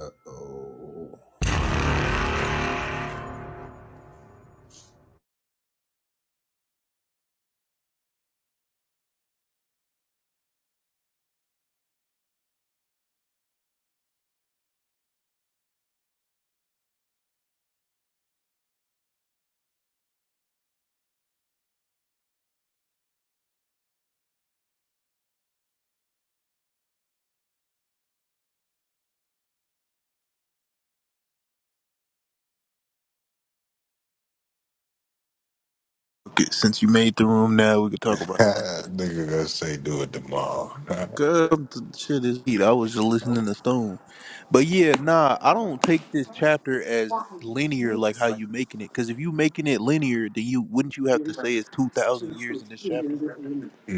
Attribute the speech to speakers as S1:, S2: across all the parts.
S1: Uh Oh,
S2: Okay, since you made the room now, we can talk about it. now.
S1: Nigga gonna say do it tomorrow.
S2: Girl, the shit is heat. I was just listening to Stone. But yeah, nah, I don't take this chapter as linear like how you making it. Because if you making it linear, then you wouldn't you have to say it's 2,000 years in this chapter?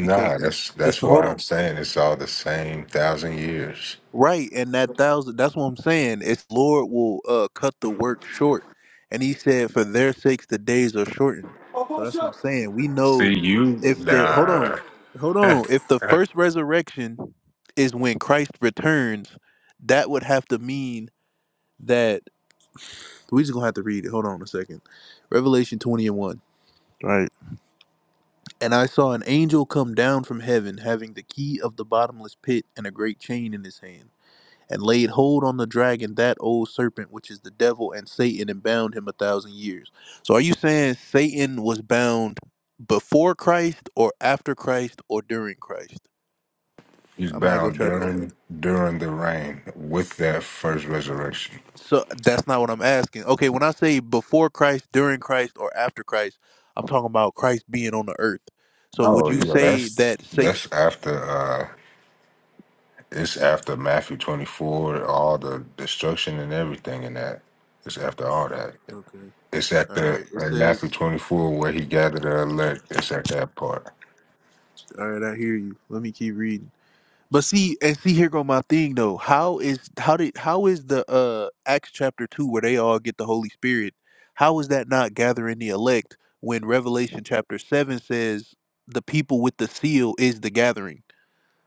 S2: Because it's,
S1: that's
S2: it's
S1: that's
S2: the hold
S1: why
S2: on.
S1: I'm saying it's all the same thousand years.
S2: Right, and that thousand that's what I'm saying. It's Lord will uh cut the work short. And he said, For their sakes the days are shortened. So that's what I'm saying. We know
S1: See you
S2: if the hold on,
S1: nah
S2: hold on. If the first resurrection is when Christ returns, that would have to mean that we just gonna have to read it. Hold on a second. Revelation twenty and one. Right. And I saw an angel come down from heaven having the key of the bottomless pit and a great chain in his hand. and laid hold on the dragon, that old serpent, which is the devil and Satan, and bound him a thousand years. So are you saying Satan was bound before Christ or after Christ or during Christ?
S1: he's
S2: I'm not gonna
S1: bound
S2: try to
S1: during during the reign with that first resurrection.
S2: so that's not what I'm asking. Okay, when I say before Christ, during Christ, or after Christ, I'm talking about Christ being on the earth. So would
S1: Oh
S2: you
S1: yeah,
S2: say
S1: that's
S2: that Satan
S1: that's after uh it's after Matthew twenty four, all the destruction and everything and that. It's after all that.
S2: Okay.
S1: It's at
S2: All right.
S1: the
S2: It
S1: in Matthew
S2: says
S1: 24 where he gathered the elect. It's at that part.
S2: all right, I hear you. Let me keep reading. But see, and see, here go my thing though. How is how did how is the uh Acts chapter two where they all get the Holy Spirit? How is that not gathering the elect when Revelation chapter seven says the people with the seal is the gathering?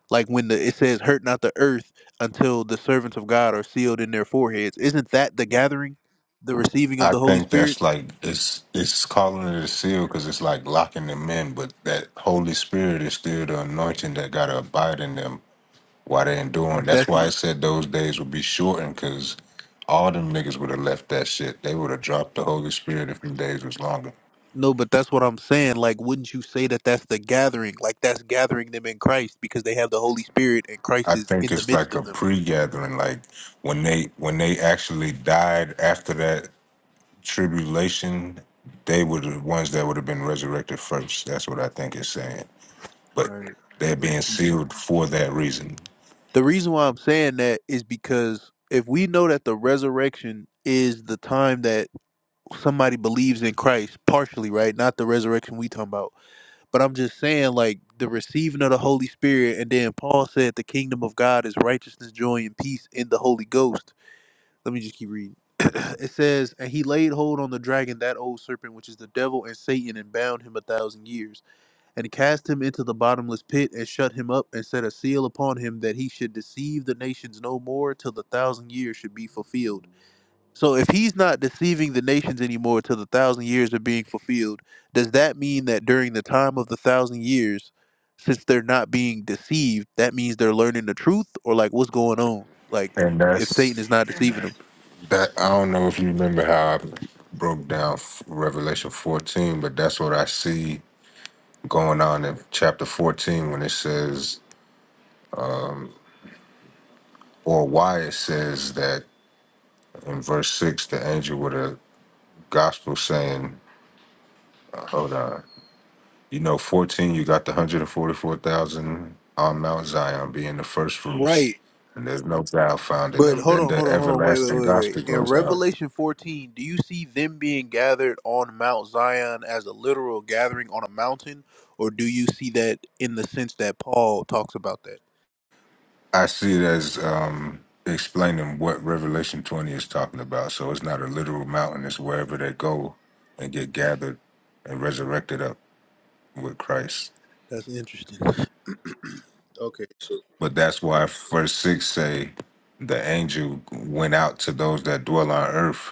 S2: Like when the it says hurt not the earth until the servants of God are sealed in their foreheads. Isn't that the gathering, the receiving of
S1: I
S2: the Holy
S1: think
S2: Spirit?
S1: that's like it's it's calling it a seal because it's like locking them in, but that Holy Spirit is still the anointing that gotta abide in them while they enduring. That's
S2: That's
S1: why I said those days would be shortened because all them niggas would have left that shit. They would have dropped the Holy Spirit if them days was longer.
S2: No, but that's what I'm saying. Like, wouldn't you say that that's the gathering? Like, that's gathering them in Christ because they have the Holy Spirit and Christ
S1: I
S2: is
S1: think
S2: in the
S1: it's
S2: midst
S1: like
S2: of
S1: a
S2: them.
S1: pre-gathering, like when they when they actually died after that tribulation, they were the ones that would have been resurrected first. That's what I think it's saying.
S2: All
S1: But
S2: right.
S1: they're being sealed for that reason.
S2: The reason why I'm saying that is because if we know that the resurrection is the time that somebody believes in Christ, partially, right? Not the resurrection we talking about. But I'm just saying, like, the receiving of the Holy Spirit, and then Paul said the kingdom of God is righteousness, joy, and peace in the Holy Ghost Let me just keep reading. it says, And he laid hold on the dragon, that old serpent, which is the devil and Satan, and bound him a thousand years, and cast him into the bottomless pit, and shut him up, and set a seal upon him, that he should deceive the nations no more till the thousand years should be fulfilled. So if he's not deceiving the nations anymore till the thousand years are being fulfilled, does that mean that during the time of the thousand years, since they're not being deceived, that means they're learning the truth? Or like what's going on? Like
S1: And
S2: if Satan is
S1: that's
S2: not deceiving them?
S1: that. I don't know if you remember how I broke down F- Revelation 14, but that's what I see going on in chapter 14 when it says, or why it says that in verse 6, the angel with a gospel saying, hold on. You know, 14, you got the 144,000 on Mount Zion being the first fruits.
S2: Right.
S1: And there's no doubt found in
S2: But
S1: them.
S2: hold
S1: Then
S2: on,
S1: the
S2: hold on, hold on. Wait, wait,
S1: everlasting
S2: wait, wait.
S1: gospel
S2: In
S1: goes out.
S2: Revelation 14, do you see them being gathered on Mount Zion as a literal gathering on a mountain? Or do you see that in the sense that Paul talks about that?
S1: I see it as um, explaining what Revelation 20 is talking about. So it's not a literal mountain, it's wherever they go and get gathered and resurrected up with Christ.
S2: That's interesting. okay. So
S1: But that's why verse 6 say the angel went out to those that dwell on earth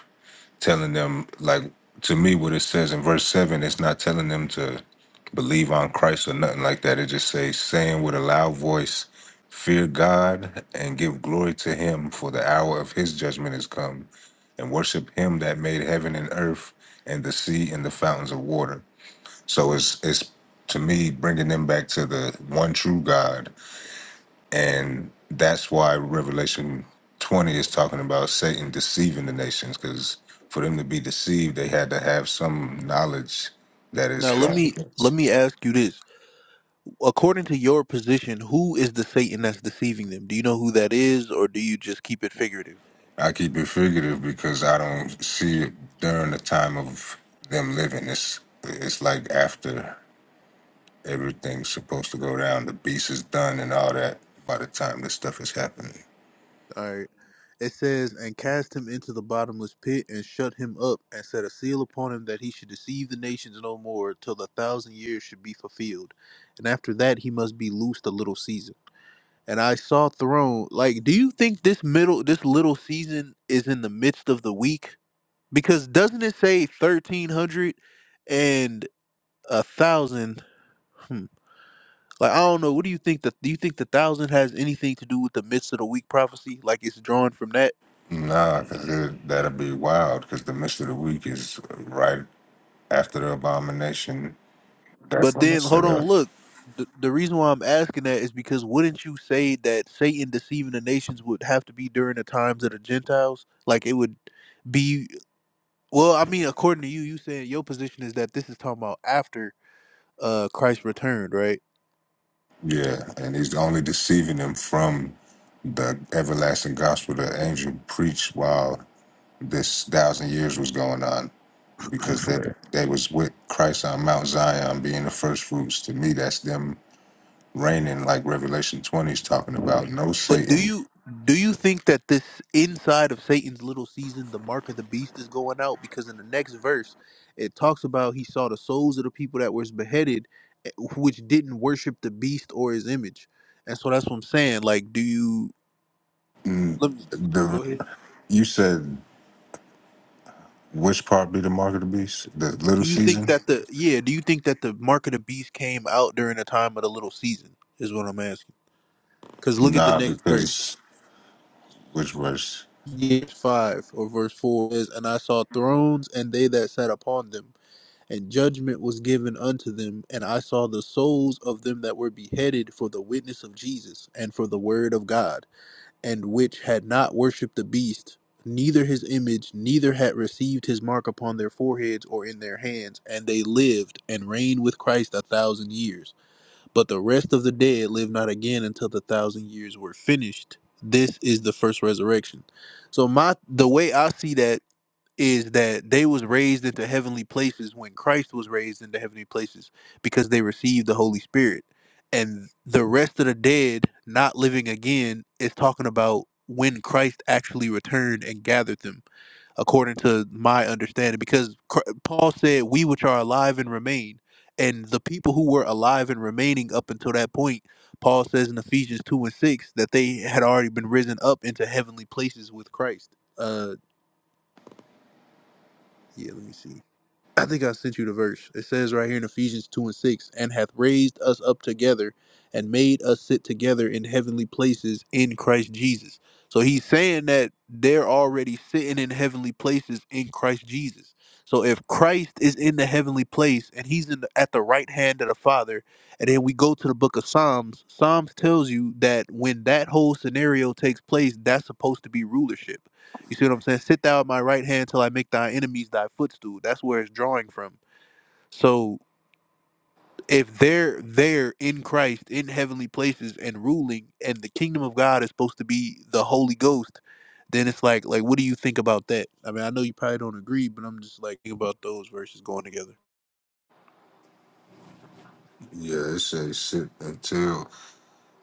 S1: telling them like to me what it says in verse seven. It's not telling them to believe on Christ or nothing like that. It just says saying with a loud voice, fear God and give glory to Him, for the hour of His judgment is come, and worship Him that made heaven and earth and the sea and the fountains of water. So it's it's to me bringing them back to the one true God and that's why Revelation 20 is talking about Satan deceiving the nations, because for them to be deceived, they had to have some knowledge that is
S2: now let
S1: going
S2: me let
S1: against.
S2: me ask you this. According to your position, who is the Satan that's deceiving them? Do you know who that is or do you just keep it figurative?
S1: I keep it figurative because I don't see it during the time of them living. It's it's like after everything's supposed to go down, the beast is done and all that. By the time this stuff is happening,
S2: All right. It says, And cast him into the bottomless pit, and shut him up, and set a seal upon him that he should deceive the nations no more till the thousand years should be fulfilled. And after that he must be loosed a little season. And I saw throne like, do you think this middle this little season is in the midst of the week? Because doesn't it say thirteen hundred and a thousand? Hmm. Like I don't know. What do you think? That do you think the thousand has anything to do with the midst of the week prophecy? Like it's drawn from that.
S1: nah, because that'll be wild. Because the midst of the week is right after the abomination That's
S2: But
S1: when
S2: then,
S1: it's
S2: hold
S1: set
S2: on,
S1: up.
S2: look. The, the reason why I'm asking that is because wouldn't you say that Satan deceiving the nations would have to be during the times of the Gentiles? Like it would be. Well, I mean, according to you, you saying your position is that this is talking about after uh Christ returned, right?
S1: Yeah, and he's only deceiving them from the everlasting gospel the angel preached while this thousand years was going on, because that they, they was with Christ on Mount Zion being the first fruits. To me, that's them reigning, like Revelation twenty is talking about. No
S2: But do
S1: Satan.
S2: you do you think that this inside of Satan's little season, the mark of the beast is going out? Because in the next verse, it talks about he saw the souls of the people that was beheaded, eh, which didn't worship the beast or his image. And so that's what I'm saying. Like, do you let me
S1: The
S2: go ahead?
S1: you said which part be the mark of the beast? The
S2: Do
S1: little
S2: you think
S1: season?
S2: that the yeah? Do you think that the mark of the beast came out during the time of the little season? Is what I'm asking. Because look at the
S1: Nah,
S2: next verse.
S1: because which verse?
S2: Verse five or verse four is, and I saw thrones and they that sat upon them And judgment was given unto them, and I saw the souls of them that were beheaded for the witness of Jesus and for the word of God, and which had not worshipped the beast, neither his image, neither had received his mark upon their foreheads or in their hands, and they lived and reigned with Christ a thousand years. But the rest of the dead lived not again until the thousand years were finished. This is the first resurrection. So my the way I see that is that they was raised into heavenly places when Christ was raised into heavenly places because they received the Holy Spirit. And the rest of the dead not living again is talking about when Christ actually returned and gathered them, according to my understanding. Because Cr- Paul said, We which are alive and remain. And the people who were alive and remaining up until that point, Paul says in Ephesians 2 and 6 that they had already been risen up into heavenly places with Christ. Uh, yeah, let me see. I think I sent you the verse. It says right here in Ephesians 2 and 6 and hath raised us up together and made us sit together in heavenly places in Christ Jesus. So he's saying that they're already sitting in heavenly places in Christ Jesus. So if Christ is in the heavenly place and he's in the, at the right hand of the Father, and then we go to the book of Psalms, Psalms tells you that when that whole scenario takes place, that's supposed to be rulership you see what I'm saying? Sit thou at my right hand till I make thy enemies thy footstool. That's where it's drawing from. So if they're there in Christ in heavenly places and ruling, and the kingdom of God is supposed to be the Holy Ghost, then it's like, like, what do you think about that? I mean, I know you probably don't agree, but I'm just like thinking about those verses going together.
S1: Yeah, it says sit until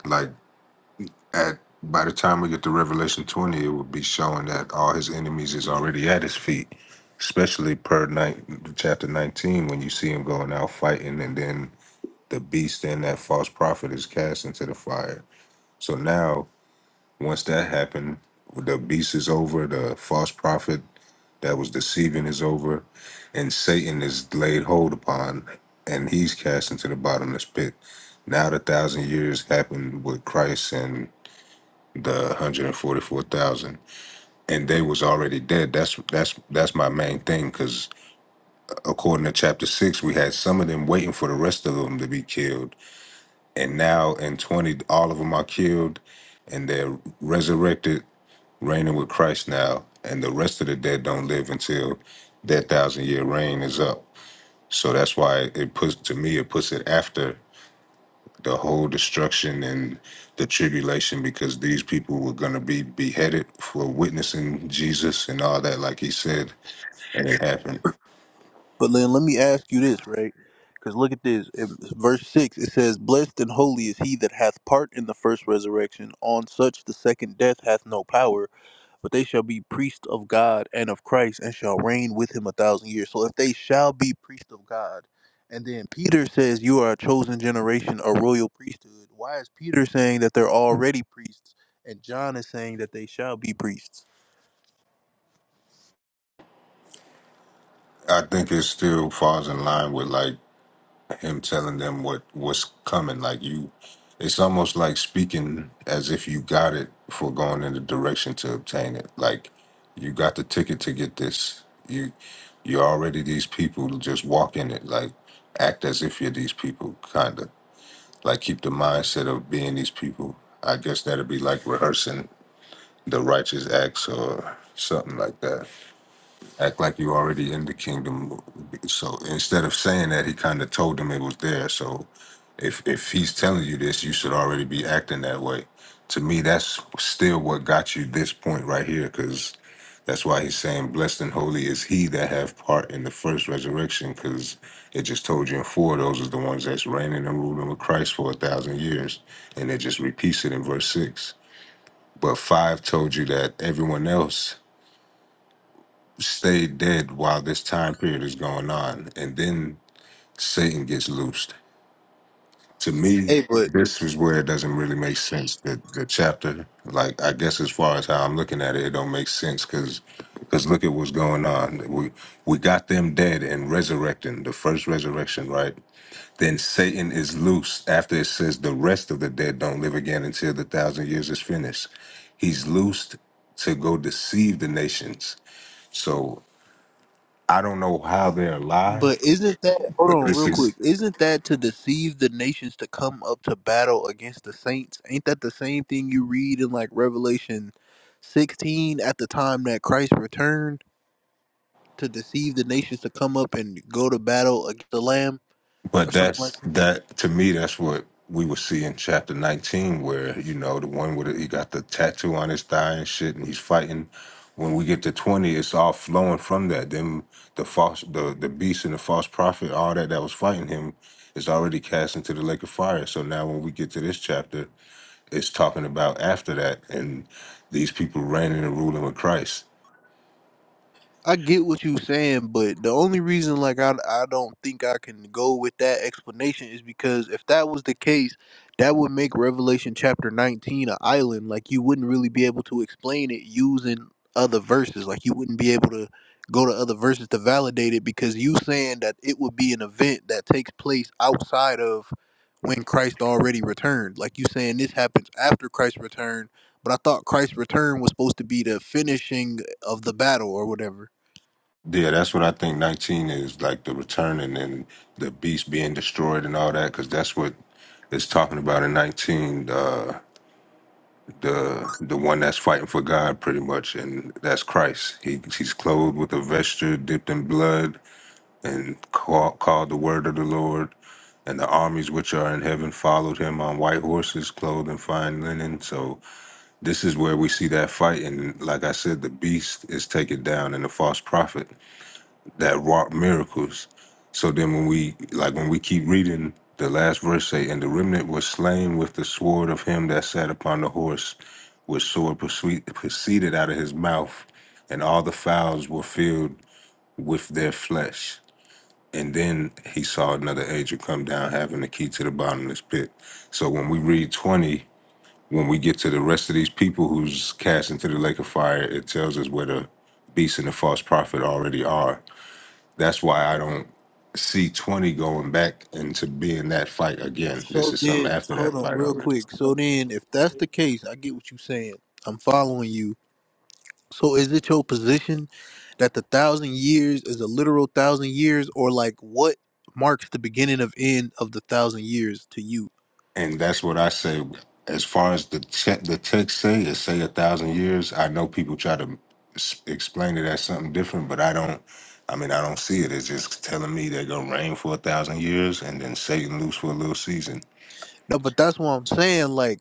S1: like. at by the time we get to Revelation 20, it will be showing that all his enemies is already at his feet, especially per night chapter 19 when you see him going out fighting and then the beast and that false prophet is cast into the fire. So now once that happened, the beast is over, the false prophet that was deceiving is over, and Satan is laid hold upon and he's cast into the bottomless pit. Now the thousand years happened with Christ and the 144,000 and they was already dead that's that's that's my main thing cuz according to chapter 6 we had some of them waiting for the rest of them to be killed and now in 20 all of them are killed and they're resurrected reigning with Christ now and the rest of the dead don't live until that thousand year reign is up so that's why it puts to me it puts it after the whole destruction and the tribulation because these people were going to be beheaded for witnessing Jesus and all that, like he said, and it happened.
S2: But then let me ask you this, right? Because look at this, If- verse six. It says, "Blessed and holy is he that hath part in the first resurrection. On such the second death hath no power." but they shall be priests of God and of Christ and shall reign with him a thousand years. So if they shall be priests of God, and then Peter says, You are a chosen generation, a royal priesthood. Why is Peter saying that they're already priests? And John is saying that they shall be priests.
S1: I think it still falls in line with like him telling them what what's coming. Like you, it's almost like speaking as if you got it for going in the direction to obtain it. Like you got the ticket to get this. You you're already these people. Just walk in it. Like act as if you're these people, kinda. like keep the mindset of being these people. I guess that'd be like rehearsing the righteous acts or something like that. Act like you already in the kingdom. So instead of saying that, he kind of told them it was there. So if if he's telling you this, you should already be acting that way. To me, that's still what got you this point right here, because that's why he's saying, "Blessed and holy is he that have part in the first resurrection," because it just told you in four, those are the ones that's reigning and ruling with Christ for a thousand years, and it just repeats it in verse six. But five told you that everyone else stayed dead while this time period is going on, and then Satan gets loosed to me,
S2: Hey, but
S1: this is where it doesn't really make sense. The the chapter, like I guess as far as how I'm looking at it, it don't make sense because because look at what's going on. We we got them dead and resurrecting the first resurrection, right? Then Satan is loose after it says the rest of the dead don't live again until the thousand years is finished. He's loosed to go deceive the nations. So I don't know how they're
S2: but
S1: alive,
S2: isn't that hold
S1: but
S2: on
S1: this
S2: real quick?
S1: is
S2: Isn't that to deceive the nations to come up to battle against the saints? Ain't that the same thing you read in like Revelation sixteen at the time that Christ returned? to deceive the nations to come up and go to battle against the Lamb or
S1: But
S2: something
S1: that's
S2: like that?
S1: that to me. That's what we would see in chapter nineteen, where you know the one with the, he got the tattoo on his thigh and shit, and he's fighting. When we get to twenty, it's all flowing from that. Then the false, the the beast and the false prophet, all that that was fighting him, is already cast into the lake of fire. So now when we get to this chapter, it's talking about after that and these people reigning and ruling with Christ.
S2: I get what you are saying, but the only reason like I I don't think I can go with that explanation is because if that was the case, that would make Revelation chapter 19 an island. Like you wouldn't really be able to explain it using other verses. Like you wouldn't be able to go to other verses to validate it because you saying that it would be an event that takes place outside of when Christ already returned. Like you saying this happens after Christ's return, but I thought Christ's return was supposed to be the finishing of the battle or whatever.
S1: Yeah, that's what I think. Nineteen is like the returning and then the beast being destroyed and all that, because that's what it's talking about in nineteen. Uh, the the one that's fighting for God, pretty much, and that's Christ. He he's clothed with a vesture dipped in blood, and call, called the word of the Lord. And the armies which are in heaven followed him on white horses, clothed in fine linen. So this is where we see that fight. And like I said, the beast is taken down, and the false prophet that wrought miracles. So then when we like when we keep reading the last verse say, and the remnant was slain with the sword of him that sat upon the horse, which sword proceed, proceeded out of his mouth, and all the fowls were filled with their flesh. And then he saw another angel come down having the key to the bottomless pit. So when we read 20, when we get to the rest of these people who's cast into the lake of fire, it tells us where the beast and the false prophet already are that's why I don't see 20 going back into being that fight again. This
S2: So
S1: is something
S2: then,
S1: after
S2: hold
S1: that
S2: on
S1: fight
S2: real
S1: already.
S2: quick. So then, if that's the case, I get what you're saying. I'm following you. So is it your position that the thousand years is a literal thousand years, or like what marks the beginning of end of the thousand years to you?
S1: And that's what I say. As far as the te- the text say, it say a thousand years. I know people try to s- explain it as something different, but I don't. I mean, I don't see it. It's just telling me they're gonna reign for a thousand years and then Satan loose for a little season.
S2: No, but that's what I'm saying. Like.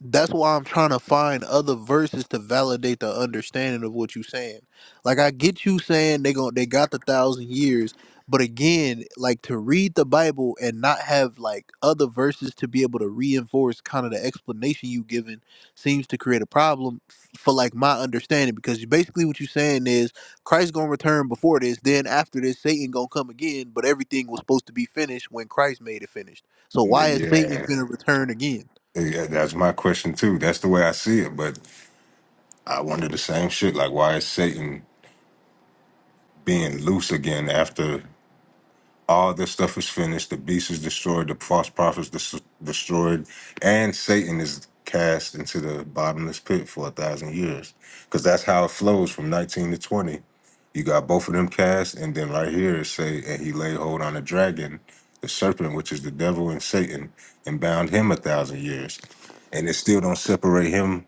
S2: that's why I'm trying to find other verses to validate the understanding of what you're saying. Like I get you saying they gon' they got the thousand years, but again, like to read the Bible and not have like other verses to be able to reinforce kind of the explanation you given seems to create a problem f- for like my understanding because you- basically what you're saying is Christ gonna return before this, then after this Satan gonna come again, but everything was supposed to be finished when Christ made it finished. So why is Satan
S1: Yeah.
S2: gonna return again?
S1: Yeah, that's my question too. That's the way I see it. But I wonder the same shit. Like, why is Satan being loose again after? All this stuff is finished. The beast is destroyed. The false prophets des- destroyed, and Satan is cast into the bottomless pit for a thousand years, because that's how it flows from 19 to 20. You got both of them cast, and then right here it say, and he laid hold on the dragon, the serpent, which is the devil and Satan, and bound him a thousand years, and it still don't separate him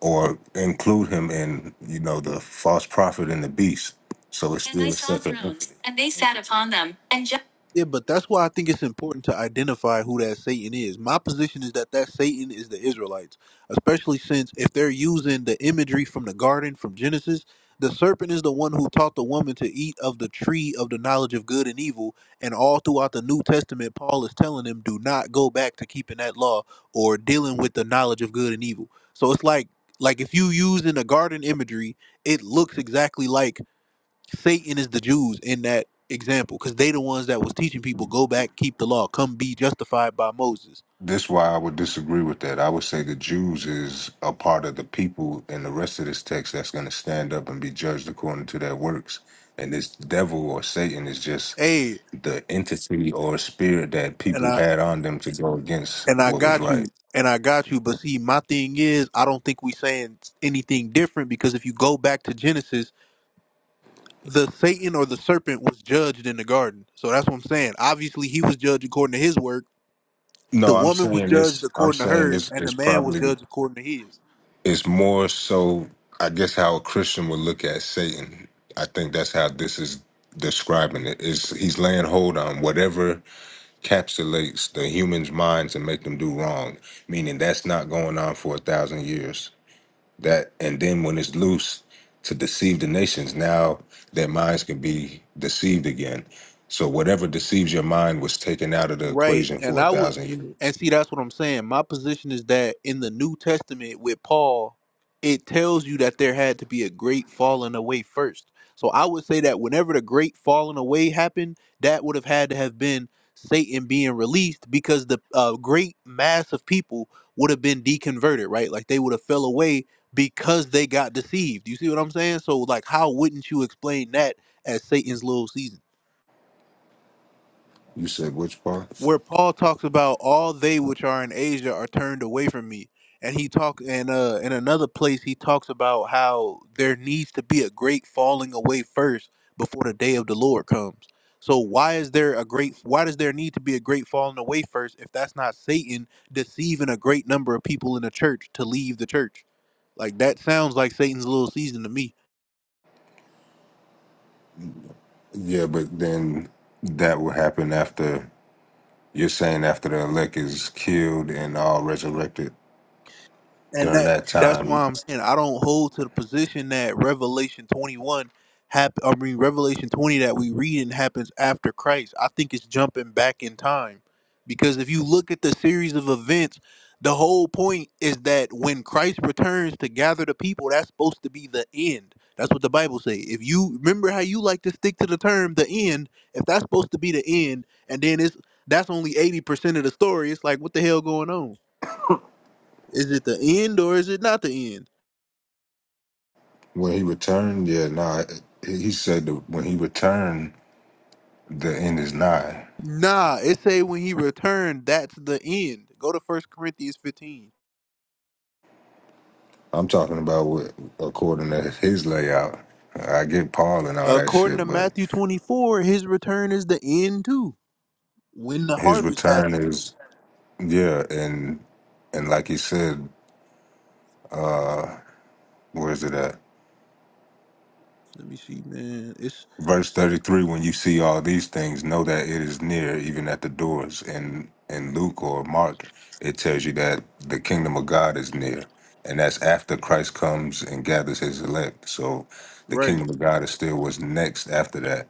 S1: or include him in you know the false prophet and the beast. So it's And still I saw separate. thrones, And they thrones, sat upon entity.
S2: Yeah, but that's why I think it's important to identify who that Satan is. My position is that that Satan is the Israelites, especially since if they're using the imagery from the garden from Genesis, the serpent is the one who taught the woman to eat of the tree of the knowledge of good and evil. And all throughout the New Testament, Paul is telling them, do not go back to keeping that law or dealing with the knowledge of good and evil. So it's like, like if you use in the garden imagery, it looks exactly like Satan is the Jews in that example because they the ones that was teaching people go back, keep the law, come be justified by Moses.
S1: This is why I would disagree with that. I would say the Jews is a part of the people in the rest of this text that's going to stand up and be judged according to their works. And this devil or Satan is just
S2: Hey,
S1: the entity or spirit that
S2: and
S1: people
S2: I
S1: had on them to go against
S2: and I
S1: what was
S2: got
S1: right.
S2: you, and I got you. But see, my thing is, I don't think we saying anything different because if you go back to Genesis, the Satan or the serpent was judged in the garden. So that's what I'm saying. Obviously, he was judged according to his work. The
S1: No, I'm
S2: woman was
S1: saying
S2: judged
S1: this. I'm
S2: according to
S1: saying
S2: hers,
S1: this
S2: and the
S1: is
S2: man was
S1: probably
S2: judged according to his.
S1: it's more so. I guess how a Christian would look at Satan. I think that's how this is describing it. Is he's laying hold on whatever capsulates the humans' minds and make them do wrong. Meaning that's not going on for a thousand years. That and then when it's loose to deceive the nations, now their minds can be deceived again. So whatever deceives your mind was taken out of the
S2: Right.
S1: equation
S2: And
S1: for a
S2: I would
S1: thousand
S2: and
S1: years.
S2: see that's what I'm saying. My position is that in the New Testament with Paul, it tells you that there had to be a great falling away first. So I would say that whenever the great falling away happened, that would have had to have been Satan being released because the uh, great mass of people would have been deconverted, right? Like they would have fell away because they got deceived. You see what I'm saying? So like how wouldn't you explain that as Satan's little season?
S1: You said which part?
S2: where Paul talks about all they which are in Asia are turned away from me. And he talk and uh in another place he talks about how there needs to be a great falling away first before the day of the Lord comes. So why is there a great why does there need to be a great falling away first if that's not Satan deceiving a great number of people in the church to leave the church? Like that sounds like Satan's little season to me.
S1: Yeah, but then that will happen after you're saying after the elect is killed and all resurrected.
S2: and
S1: During
S2: that
S1: that
S2: that's
S1: time,
S2: why I'm saying I don't hold to the position that Revelation 21 hap- I mean Revelation 20 that we reading happens after Christ. I think it's jumping back in time because if you look at the series of events, the whole point is that when Christ returns to gather the people, that's supposed to be the end. That's what the Bible say. If you remember how you like to stick to the term the end, if that's supposed to be the end, and then it's that's only 80% of the story, it's like what the hell going on? Is it the end or is it not the end?
S1: When he returned, yeah, nah. He he said that when he returned, the end is nigh.
S2: Nah, it say when he returned, that's the end. Go to First Corinthians 15.
S1: I'm talking about what, according to his layout. I get Paul and all that
S2: According
S1: shit,
S2: to
S1: but
S2: Matthew 24, his return is the end too. When the
S1: his
S2: harvest
S1: return
S2: happens.
S1: is yeah, and and like he said, uh, where is it at?
S2: Let me see, man. It's
S1: verse 33 when you see all these things know that it is near even at the doors and in luke or mark it tells you that the kingdom of god is near and that's after christ comes and gathers his elect so the
S2: right.
S1: kingdom of god is still what's next after that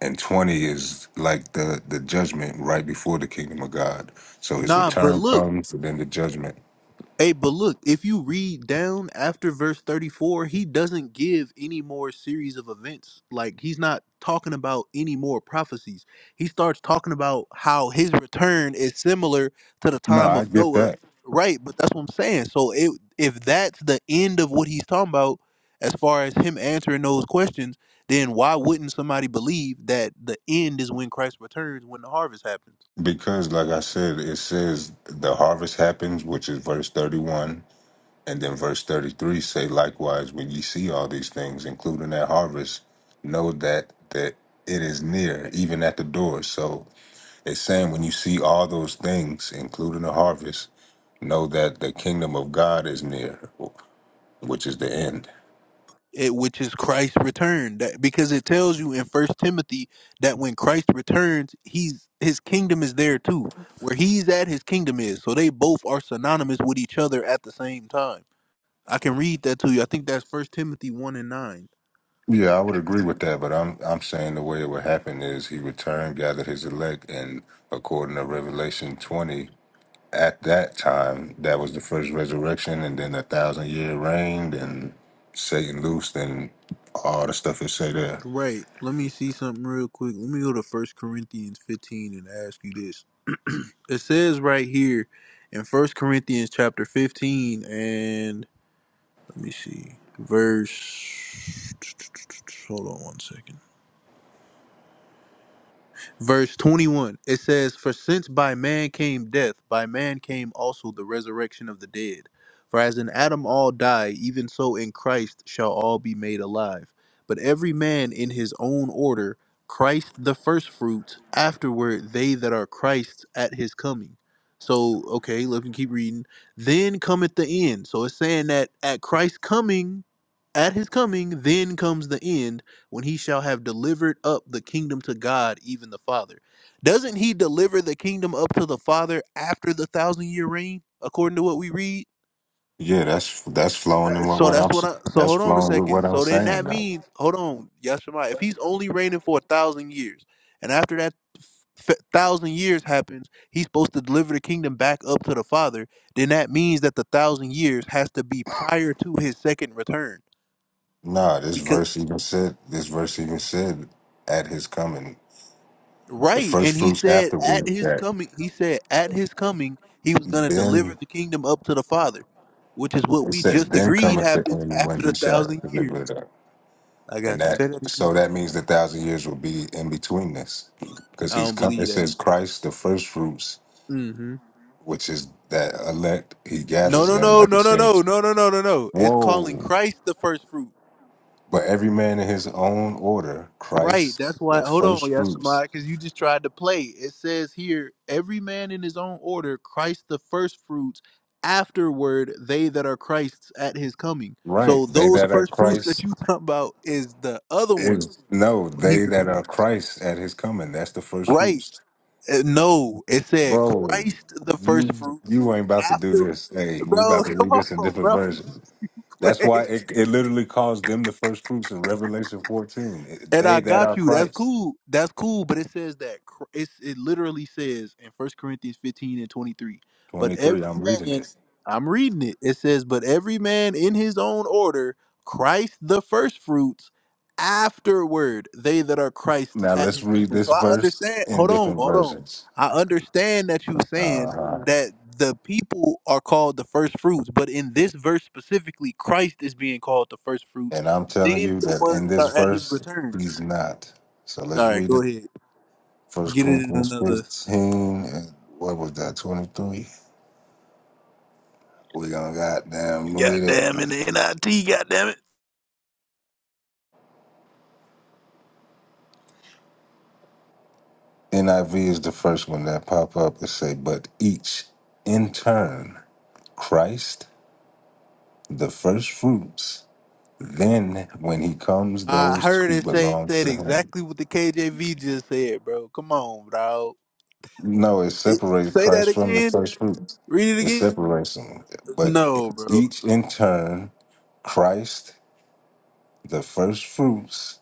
S1: and 20 is like the the judgment right before the kingdom of god so his
S2: Nah, but
S1: return
S2: look.
S1: comes and then the judgment
S2: Hey, but look, if you read down after verse 34, he doesn't give any more series of events. Like, he's not talking about any more prophecies. He starts talking about how his return is similar to the
S1: no
S2: time
S1: i
S2: of
S1: get
S2: Noah.
S1: that
S2: Right, but that's what I'm saying. So, it, if that's the end of what he's talking about as far as him answering those questions, then why wouldn't somebody believe that the end is when Christ returns, when the harvest happens?
S1: because like i said it says the harvest happens which is verse 31 And then verse 33 say, likewise, when ye see all these things, including that harvest, know that that it is near, even at the door. So it's saying when you see all those things, including the harvest, know that the kingdom of God is near, which is the end.
S2: it, which is Christ's return. That because it tells you in First Timothy that when Christ returns, he's his kingdom is there too. Where he's at, his kingdom is. So they both are synonymous with each other at the same time. I can read that to you. I think that's First Timothy one and nine.
S1: Yeah, I would agree with that, but I'm I'm saying the way it would happen is he returned, gathered his elect, and according to Revelation 20, at that time, that was the first resurrection, and then the thousand year reigned, and Satan loosed, and all the stuff it say there.
S2: Right. Let me see something real quick. Let me go to First Corinthians fifteen and ask you this. It says right here in First Corinthians chapter fifteen and let me see verse. Hold on one second. verse 21 it says for since by man came death by man came also the resurrection of the dead for as in adam all die even so in christ shall all be made alive but every man in his own order christ the firstfruits afterward they that are christ's at his coming so okay look and keep reading then cometh the end so it's saying that at christ's coming at his coming, then comes the end when he shall have delivered up the kingdom to God, even the Father. Doesn't he deliver the kingdom up to the Father after the thousand year reign, according to what we read?
S1: Yeah, that's that's flowing
S2: Uh,
S1: in what,
S2: So
S1: what
S2: that's
S1: I'm s-
S2: what I. So
S1: that's
S2: hold on a
S1: flowing with what
S2: second.
S1: I'm
S2: So then
S1: saying.
S2: that
S1: Though.
S2: means, hold on, Yashima, if he's only reigning for a thousand years, and after that f- thousand years happens, he's supposed to deliver the kingdom back up to the Father, then that means that the thousand years has to be prior to his second return
S1: Nah, this verse even said this verse even said at his coming, the
S2: Right.
S1: first
S2: And he
S1: fruits
S2: said at
S1: afterward.
S2: his
S1: That
S2: coming, he said at his coming, he was going to deliver
S1: then
S2: the kingdom up to the Father, which is what
S1: it
S2: we
S1: says,
S2: just
S1: then
S2: agreed
S1: cometh the
S2: happens
S1: end
S2: after
S1: when
S2: the
S1: he shall
S2: thousand years.
S1: deliver it up,
S2: I
S1: and
S2: got you.
S1: that
S2: Say that again.
S1: so that means the thousand years will be in between this, because
S2: I
S1: he's
S2: don't
S1: come. It
S2: believe that.
S1: says Christ, the first fruits
S2: Mm hmm.
S1: which is that elect, he
S2: No,
S1: gathers
S2: no,
S1: them
S2: no,
S1: like
S2: no,
S1: it
S2: no, no,
S1: says.
S2: no, no, no, no, no. It's calling
S1: Whoa.
S2: Christ the first fruit.
S1: But every man in his own order,
S2: Right.
S1: Christ,
S2: That's why.
S1: the
S2: Hold on,
S1: first
S2: Yasamai,
S1: fruits.
S2: because you just tried to play. It says here, every man in his own order, Christ the first fruits, afterward, they that are Christ's at his coming.
S1: Right.
S2: So
S1: They
S2: those
S1: that are
S2: first fruits that
S1: Christ
S2: you talk about is the other
S1: is
S2: ones
S1: no,
S2: when he
S1: they that are
S2: returns.
S1: Christ at his coming. That's the first
S2: Right.
S1: fruits.
S2: Uh, no, it said
S1: Bro,
S2: Christ the first
S1: you
S2: fruits
S1: you ain't about to do
S2: after.
S1: this. Hey, we
S2: Bro,
S1: about to
S2: come
S1: read this in
S2: on,
S1: different
S2: bro.
S1: versions. That's why it, it literally calls them the first fruits in Revelation 14. It-
S2: And I
S1: They that
S2: got
S1: are
S2: you. That's
S1: Christ.
S2: cool. That's cool. But it says that Chr- it's, it literally says in First Corinthians 15 and 23. But
S1: 23,
S2: every
S1: I'm reading
S2: man,
S1: it.
S2: I'm reading it. It says, but every man in his own order, Christ the first fruits, afterward they that are Christ's
S1: Now
S2: at
S1: let's
S2: his
S1: read
S2: coming.
S1: this
S2: So I
S1: verse
S2: understand.
S1: in
S2: Hold on.
S1: different
S2: Hold on.
S1: versions.
S2: I understand that you're saying that the people are called the first fruits, but in this verse specifically, Christ is being called the first fruits,
S1: And I'm telling
S2: then
S1: you
S2: the
S1: that
S2: ones
S1: in
S2: that
S1: this
S2: are at his
S1: verse,
S2: return.
S1: he's not. So
S2: All
S1: let's
S2: right,
S1: read
S2: go
S1: it.
S2: ahead.
S1: First
S2: Get it in
S1: Corinthians
S2: another.
S1: 15 and what was that, 23? We gonna goddamn read it.
S2: Goddamn in the NIT, goddamn it.
S1: NIV is the first one that pop up. It say, but each in turn, Christ, the first fruits, then when he comes,
S2: I
S1: those
S2: heard
S1: who
S2: it say
S1: belong
S2: said
S1: to him.
S2: exactly what the KJV just said, bro. Come on, dog.
S1: No, it separated
S2: say that
S1: Christ from the
S2: again.
S1: first fruits.
S2: Read it
S1: It
S2: again.
S1: separates them. But
S2: No, bro.
S1: each in turn, Christ, the first fruits,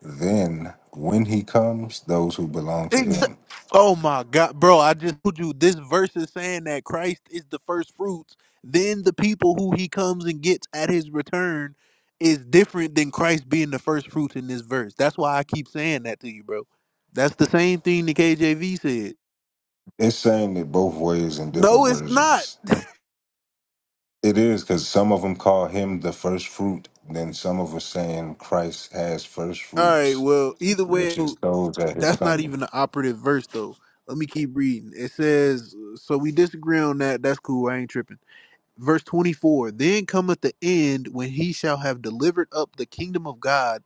S1: then when he comes, those who belong to
S2: Exa-
S1: him.
S2: oh my God, bro! I just told you this verse is saying that Christ is the first fruits. Then the people who He comes and gets at His return is different than Christ being the first fruits in this verse. That's why I keep saying that to you, bro. That's the same thing the KJV said.
S1: It's saying it both ways in different
S2: No, it's not.
S1: versions. It is because some of them call him the first fruit, then some of us saying Christ has first
S2: All right.
S1: fruits,
S2: Well, either way,
S1: which is those at his
S2: that's not even
S1: coming.
S2: the operative verse, though. Let me keep reading. It says, "So we disagree on that. That's cool. I ain't tripping." Verse twenty-four. Then cometh the end when he shall have delivered up the kingdom of God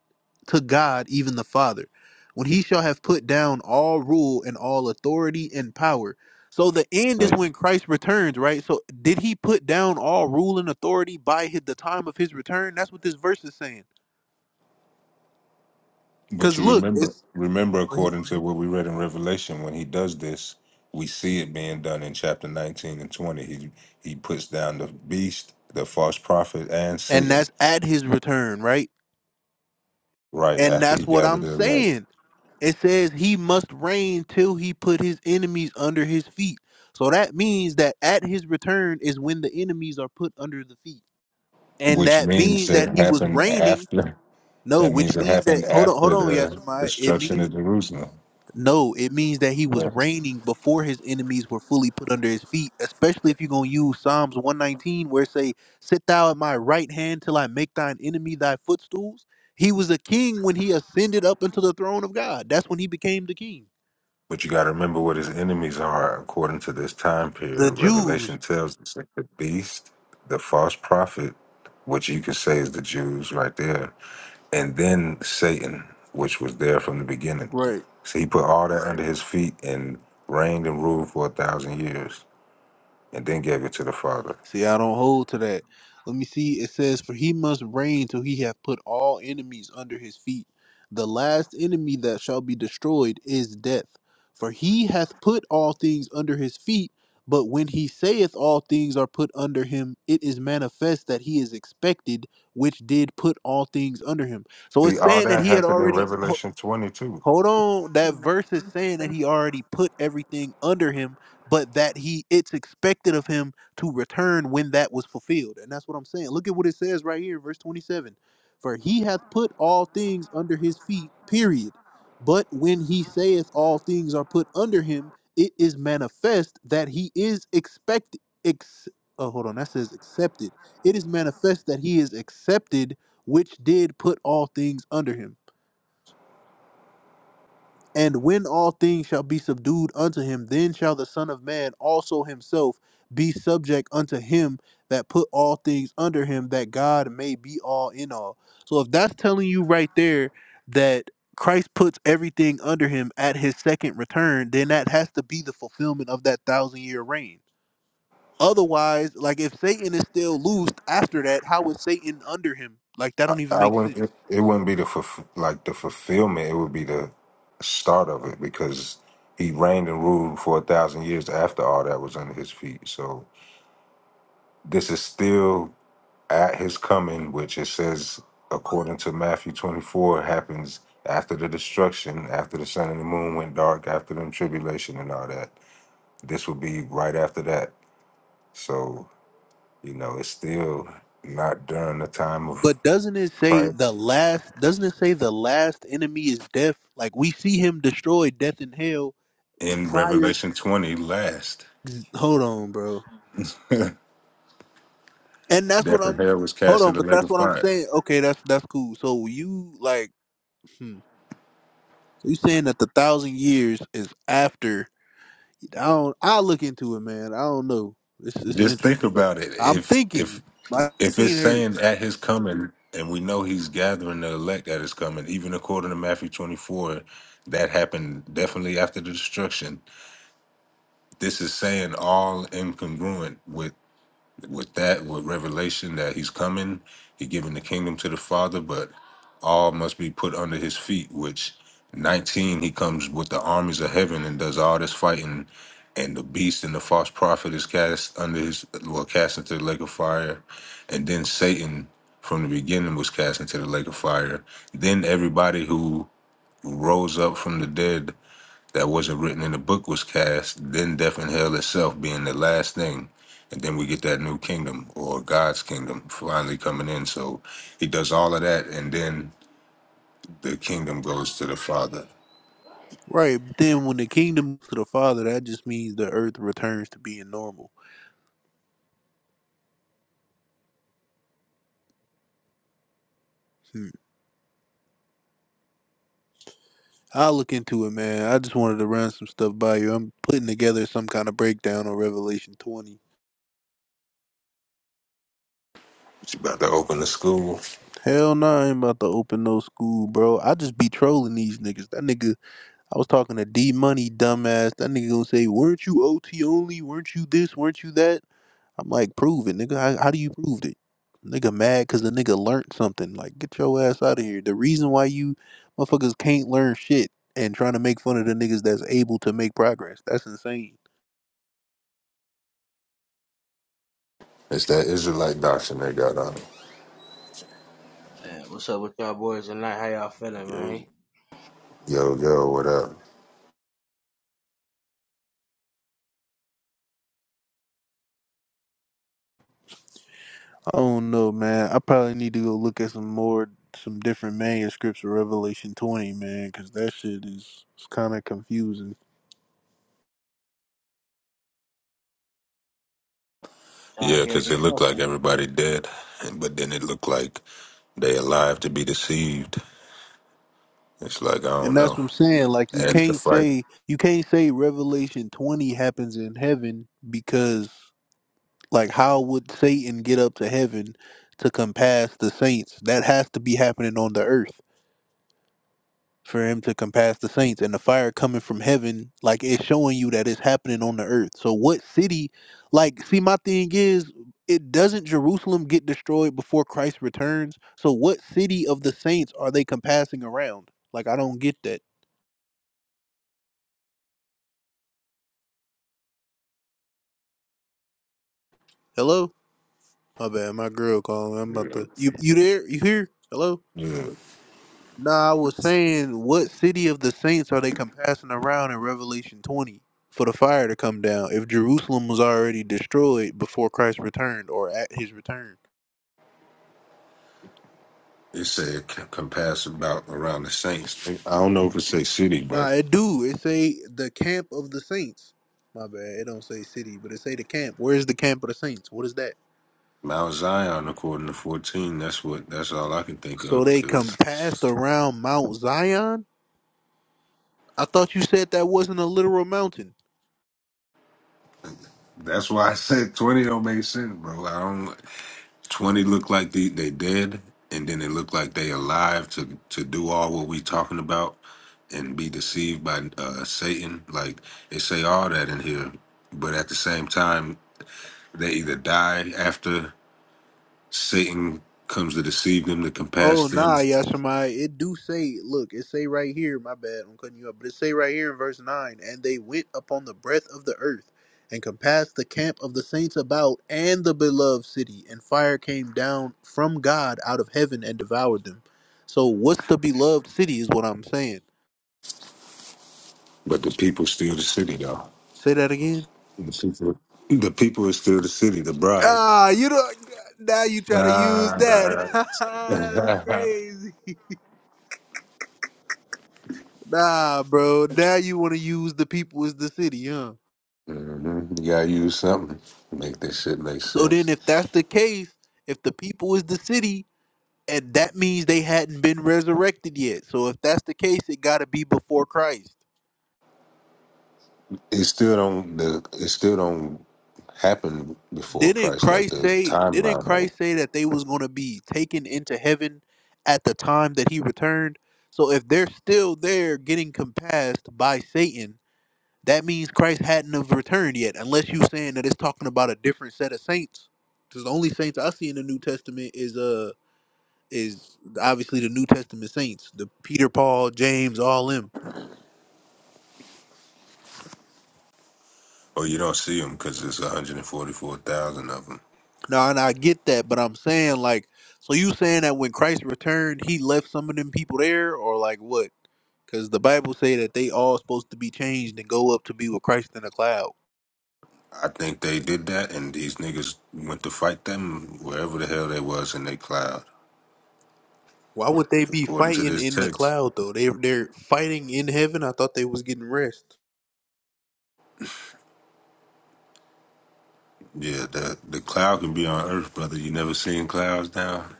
S2: to God, even the Father, when he shall have put down all rule and all authority and power. So the end is when Christ returns, right? So did he put down all rule and authority by his, the time of his return? That's what this verse is saying.
S1: But
S2: Cause
S1: you
S2: look, it's
S1: remember, remember,
S2: Go ahead.
S1: according to what we read in Revelation, when he does this, we see it being done in chapter nineteen and twenty. He he puts down the beast, the false prophet, and
S2: And
S1: Satan
S2: that's at his return, right?
S1: right
S2: And
S1: after
S2: that's
S1: he
S2: what
S1: gathered
S2: I'm
S1: the elect,
S2: saying. It says he must reign till he put his enemies under his feet. So that means that at his return is when the enemies are put under the feet. And
S1: which
S2: that
S1: means
S2: means
S1: it
S2: that he was
S1: happened
S2: reigning.
S1: after.
S2: No,
S1: That
S2: which
S1: means it
S2: means
S1: happened
S2: that hold on, hold
S1: after
S2: on,
S1: the
S2: Yashimai. It
S1: destruction
S2: means
S1: of Jerusalem.
S2: No, it means that he was
S1: Yes.
S2: reigning before his enemies were fully put under his feet, especially if you're going to use Psalms 119 where it say, "Sit thou at my right hand till I make thine enemy thy footstools." He was a king when he ascended up into the throne of God. That's when he became the king.
S1: But you got to remember what his enemies are according to this time
S2: The
S1: period.
S2: Jews,
S1: Revelation tells us that the beast, the false prophet, which you could say is the Jews right there, and then Satan, which was there from the beginning.
S2: right?
S1: So he put all that under his feet and reigned and ruled for a thousand years and then gave it to the Father.
S2: See, I don't hold to that. Let me see. It says, For he must reign till he hath put all enemies under his feet. The last enemy that shall be destroyed is death. For he hath put all things under his feet. But when he saith all things are put under him, it is manifest that he is expected, which did put all things under him. So it's
S1: See, all
S2: saying that
S1: that
S2: he had
S1: happened in
S2: already.
S1: Revelation 22.
S2: Hold on. That verse is saying that he already put everything under him, but that he it's expected of him to return when that was fulfilled. And that's what I'm saying. Look at what it says right here, verse 27. For he hath put all things under his feet, period. But when he saith all things are put under him, it is manifest that he is expected. Ex- oh, hold on. That says accepted. It is manifest that he is accepted, which did put all things under him. And when all things shall be subdued unto him, then shall the Son of Man also himself be subject unto him that put all things under him, that God may be all in all. So if that's telling you right there that Christ puts everything under him at his second return, then that has to be the fulfillment of that thousand year reign. Otherwise, like if Satan is still loosed after that, how is Satan under him? Like that don't
S1: I
S2: even
S1: I
S2: make
S1: wouldn't.
S2: sense.
S1: It, it wouldn't be the fulf- like the fulfillment. It would be the start of it because he reigned and ruled for a thousand years after all that was under his feet. So this is still at his coming, which it says according to Matthew twenty four happens after the destruction, after the sun and the moon went dark, after the tribulation and all that. This would be right after that. So you know, it's still not during the time of
S2: But doesn't it say the
S1: Christ
S2: last? Doesn't it say the last enemy is death? Like we see him destroy death and hell
S1: in
S2: prior.
S1: Revelation twenty last.
S2: Hold on, bro.
S1: Death
S2: And that's what I'm.
S1: and hell was
S2: Hold
S1: cast in
S2: on,
S1: the
S2: but
S1: lake
S2: that's
S1: of
S2: what I'm
S1: fire.
S2: saying. Okay, that's that's cool. So you like, hmm. so you saying that the thousand years is after? I don't. I look into it, man. I don't know. It's it's
S1: Just think
S2: interesting, bro.
S1: about it.
S2: I'm
S1: If if
S2: thinking my
S1: if it's
S2: brain hurt.
S1: saying at his coming, and we know he's gathering the elect at his coming, even according to Matthew twenty four, that happened definitely after the destruction. This is saying all incongruent with. with that, with revelation that he's coming, he giving the kingdom to the Father, but all must be put under his feet, which 19, he comes with the armies of heaven and does all this fighting, and the beast and the false prophet is cast under his, well, cast into the lake of fire. And then Satan from the beginning was cast into the lake of fire. Then everybody who rose up from the dead that wasn't written in the book was cast, then death and hell itself being the last thing. And then we get that new kingdom or God's kingdom finally coming in. So he does all of that and then the kingdom goes to the Father.
S2: Right, but then when the kingdom to the Father, that just means the earth returns to being normal. Hmm. I'll look into it, man. I just wanted to run some stuff by you. I'm putting together some kind of breakdown on Revelation 20.
S1: He's about to open the school.
S2: Hell no, I ain't about to open no school, bro. I just be trolling these niggas. That nigga, I was talking to D Money, dumbass. That nigga gonna say, weren't you OT only? Weren't you this? Weren't you that? I'm like, prove it, nigga. How, how do you prove it? Nigga mad because the nigga learned something. Like, get your ass out of here. The reason why you motherfuckers can't learn shit and trying to make fun of the niggas that's able to make progress. That's insane.
S1: It's that Israelite doctrine they got on. it.
S3: Man, what's up with y'all boys tonight? How y'all feeling,
S2: Yo.
S3: man?
S1: Yo, yo, what up?
S2: I don't know, man. I probably need to go look at some more, some different manuscripts of Revelation 20, man, because that shit is kind of confusing.
S3: Y'all in
S1: Yeah,
S3: here
S1: cause it looked like
S3: discussing.
S1: everybody dead, and- but then it looked like they alive to be deceived. It's like, I
S2: And
S1: don't
S2: that's
S1: know.
S2: what I'm saying. Like, you
S1: And it's a
S2: can't
S1: fight.
S2: say, you can't say Revelation 20 happens in heaven because, like, how would Satan get up to heaven to compass the saints? That has to be happening on the earth. for him to compass the saints and the fire coming from heaven like it's showing you that it's happening on the earth so what city like see my thing is it doesn't jerusalem get destroyed before christ returns so what city of the saints are they compassing around like i don't get that hello my bad my girl calling i'm about
S1: Yeah.
S2: to you you there you here hello
S1: Yeah.
S2: No, I was saying, what city of the saints are they compassing around in Revelation 20 for the fire to come down if Jerusalem was already destroyed before Christ returned or at his return?
S1: It said it can can about around the saints. I don't know if it say city,
S2: Nah,
S1: but
S2: it do. It say the camp of the saints. My bad. It don't say city, but it say the camp. Where's the camp of the saints? What is that?
S1: Mount Zion, according to fourteen, that's what that's all I can think
S2: So
S1: of.
S2: they
S1: Because
S2: compassed around Mount Zion? I thought you said that wasn't a literal mountain.
S1: that's why I said twenty don't make sense, bro. I don't. Twenty look like they they dead, and then it look like they alive to to do all what we talking about, and be deceived by uh, Satan. Like they say all that in here, but at the same time, they either die after Satan comes to deceive them to
S2: Oh
S1: compass them
S2: nah, Yashimai. It do say, look, it say right here, my bad, I'm cutting you up, but it say right here in verse nine, and they went upon the breadth of the earth and compassed the camp of the saints about and the beloved city, and fire came down from God out of heaven and devoured them. So what's the beloved city is what I'm saying.
S1: But the people still the city, though.
S2: Say that again.
S1: The people, the people is still the city, the bride.
S2: Ah, you don't now you try to use that.
S1: Ah.
S2: That's crazy. Nah, bro. Now you wanna use the people as the city, huh?
S1: Mhm. You gotta use something to make this shit make
S2: So
S1: sense.
S2: then, if that's the case, if the people is the city, and that means they hadn't been resurrected yet. So if that's the case, it got to be before Christ.
S1: It still don't. The it still don't happen before
S2: Didn't
S1: Christ, like
S2: Christ
S1: the
S2: say? Didn't
S1: timeline of.
S2: Christ
S1: it.
S2: say that they was going to be taken into heaven at the time that He returned? So if they're still there, getting compassed by Satan, that means Christ hadn't have returned yet. Unless you saying that it's talking about a different set of saints, because the only saints I see in the New Testament is uh, is obviously the New Testament saints, the Peter, Paul, James, all them.
S1: Or you don't see them because there's 144,000 of them.
S2: Now, and I get that, but I'm saying like, so you saying that when Christ returned, he left some of them people there, or like what? Because the Bible say that they all supposed to be changed and go up to be with Christ in the cloud.
S1: I think they did that, and these niggas went to fight them wherever the hell they was in their cloud,
S2: Why would they be
S1: according to
S2: fighting
S1: this
S2: in the
S1: text.
S2: cloud though? They they're fighting in heaven. I thought they was getting rest.
S1: Yeah, the the cloud can be on Earth, brother. You never seen clouds down.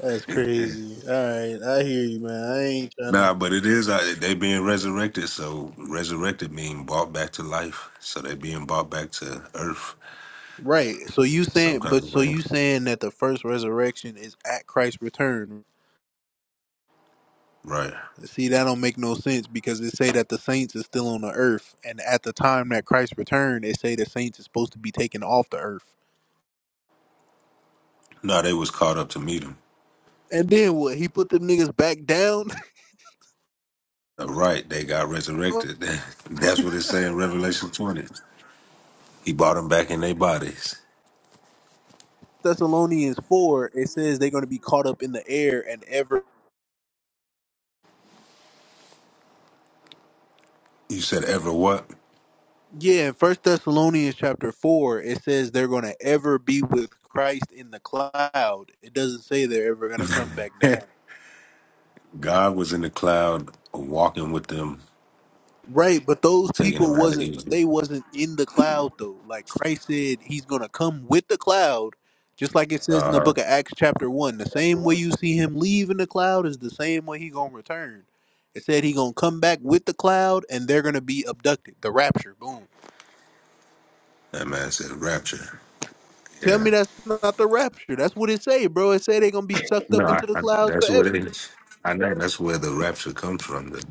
S2: That's crazy. All right, I hear you, man. I ain't trying to.
S1: Nah, but it is. uh, They being resurrected, so resurrected mean brought back to life. So they being brought back to Earth
S2: Right. So you
S1: some
S2: saying, but
S1: kind of
S2: so
S1: way,
S2: you saying that the first resurrection is at Christ's return,
S1: right?
S2: See, that don't make no sense because it say that the saints is still on the earth, and at the time that Christ returned, they say the saints is supposed to be taken off the earth.
S1: No, they was caught up to meet him.
S2: And then what? He put them niggas back down.
S1: Uh, Right, they got resurrected. That's what it say in Revelation twenty. He brought them back in their bodies.
S2: Thessalonians four, it says they're gonna be caught up in the air and ever.
S1: You said ever what?
S2: Yeah, in First Thessalonians chapter four, it says they're gonna ever be with Christ in the cloud. It doesn't say they're ever gonna come back down.
S1: God was in the cloud, walking with them,
S2: Right, but those
S1: taking them
S2: people
S1: out of
S2: wasn't, but
S1: Egypt.
S2: they wasn't in the cloud though. Like Christ said, He's gonna come with the cloud, just like it says in the book of Acts chapter one. The same way you see Him leave in the cloud is the same way He gonna return. It said He gonna come back with the cloud, and they're gonna be abducted. The rapture, boom.
S1: That man said rapture.
S2: Tell
S1: Yeah.
S2: me that's not the rapture. That's what it say, bro. It say they gonna be sucked
S1: No,
S2: up
S1: I,
S2: into the
S1: I,
S2: clouds
S1: that's what it
S2: forever.
S1: is. I know. That's where the rapture comes from, the,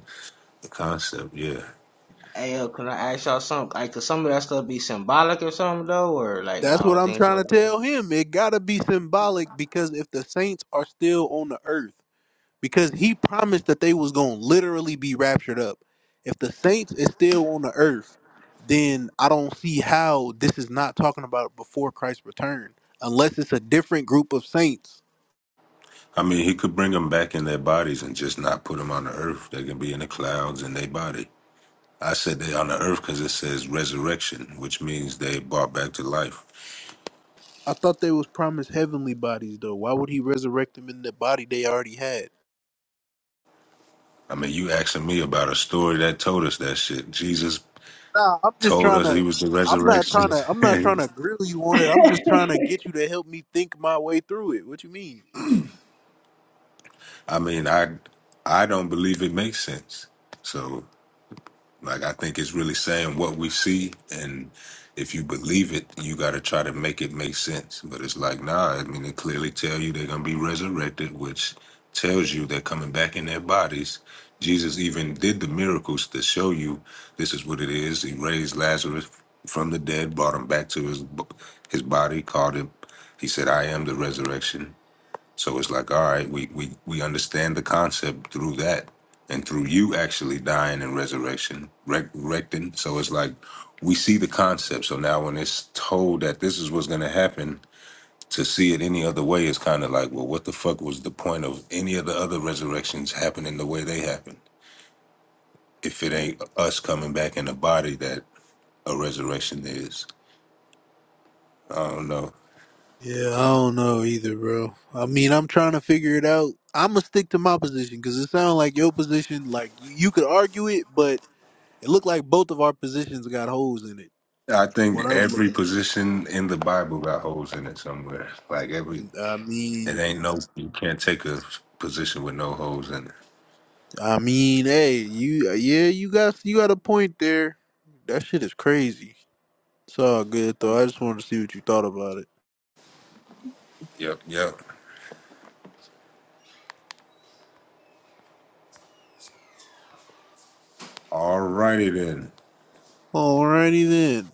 S1: the concept, yeah.
S3: Hey, yo, can I ask y'all something? Like, could some of that stuff be symbolic or something, though? Or, like,
S2: That's
S3: y'all
S2: what
S3: don't
S2: I'm
S3: think
S2: trying
S3: so?
S2: to tell him. It gotta be symbolic because if the saints are still on the earth. because he promised that they was going to literally be raptured up. If the saints is still on the earth, then I don't see how this is not talking about before Christ's return, unless it's a different group of saints.
S1: I mean, he could bring them back in their bodies and just not put them on the earth. They can be in the clouds in their body. I said they on the earth because it says resurrection, which means they brought back to life.
S2: I thought they was promised heavenly bodies though. Why would he resurrect them in the body they already had?
S1: I mean, you asking me about a story that told us that shit. Jesus
S2: Nah, I'm just
S1: told
S2: trying
S1: us
S2: to.
S1: he was the
S2: I'm not trying
S1: resurrection.
S2: to. I'm not trying to grill you on it. I'm just trying to get you to help me think my way through it. What you mean?
S1: I mean, I I don't believe it makes sense. So Like I think it's really saying what we see, and if you believe it, you got to try to make it make sense. But it's like, nah. I mean, they clearly tell you they're gonna be resurrected, which tells you they're coming back in their bodies. Jesus even did the miracles to show you this is what it is. He raised Lazarus from the dead, brought him back to his bo- his body, called him. He said, "I am the resurrection." So it's like, all right, we we we understand the concept through that, and through you actually dying and resurrection, rec- recting. So it's like we see the concept. So now when it's told that this is what's gonna happen, to see it any other way is kind of like, well, what the fuck was the point of any of the other resurrections happening the way they happened? If it ain't us coming back in the body that a resurrection is, I don't know.
S2: Yeah, I don't know either, bro. I mean, I'm trying to figure it out. I'm gonna stick to my position because it sounds like your position. Like you, you could argue it, but it looked like both of our positions got holes in it.
S1: I
S2: from What
S1: think
S2: I'm
S1: every
S2: looking at.
S1: position in the Bible got holes in it somewhere. Like every
S2: And, I
S1: It
S2: mean,
S1: ain't no, you can't take a position with no holes in it.
S2: I mean, hey, you, yeah, you got you got a point there. That shit is crazy. It's all good though. I just wanted to see what you thought about it.
S1: Yep, yep. All righty then.
S2: Alrighty then.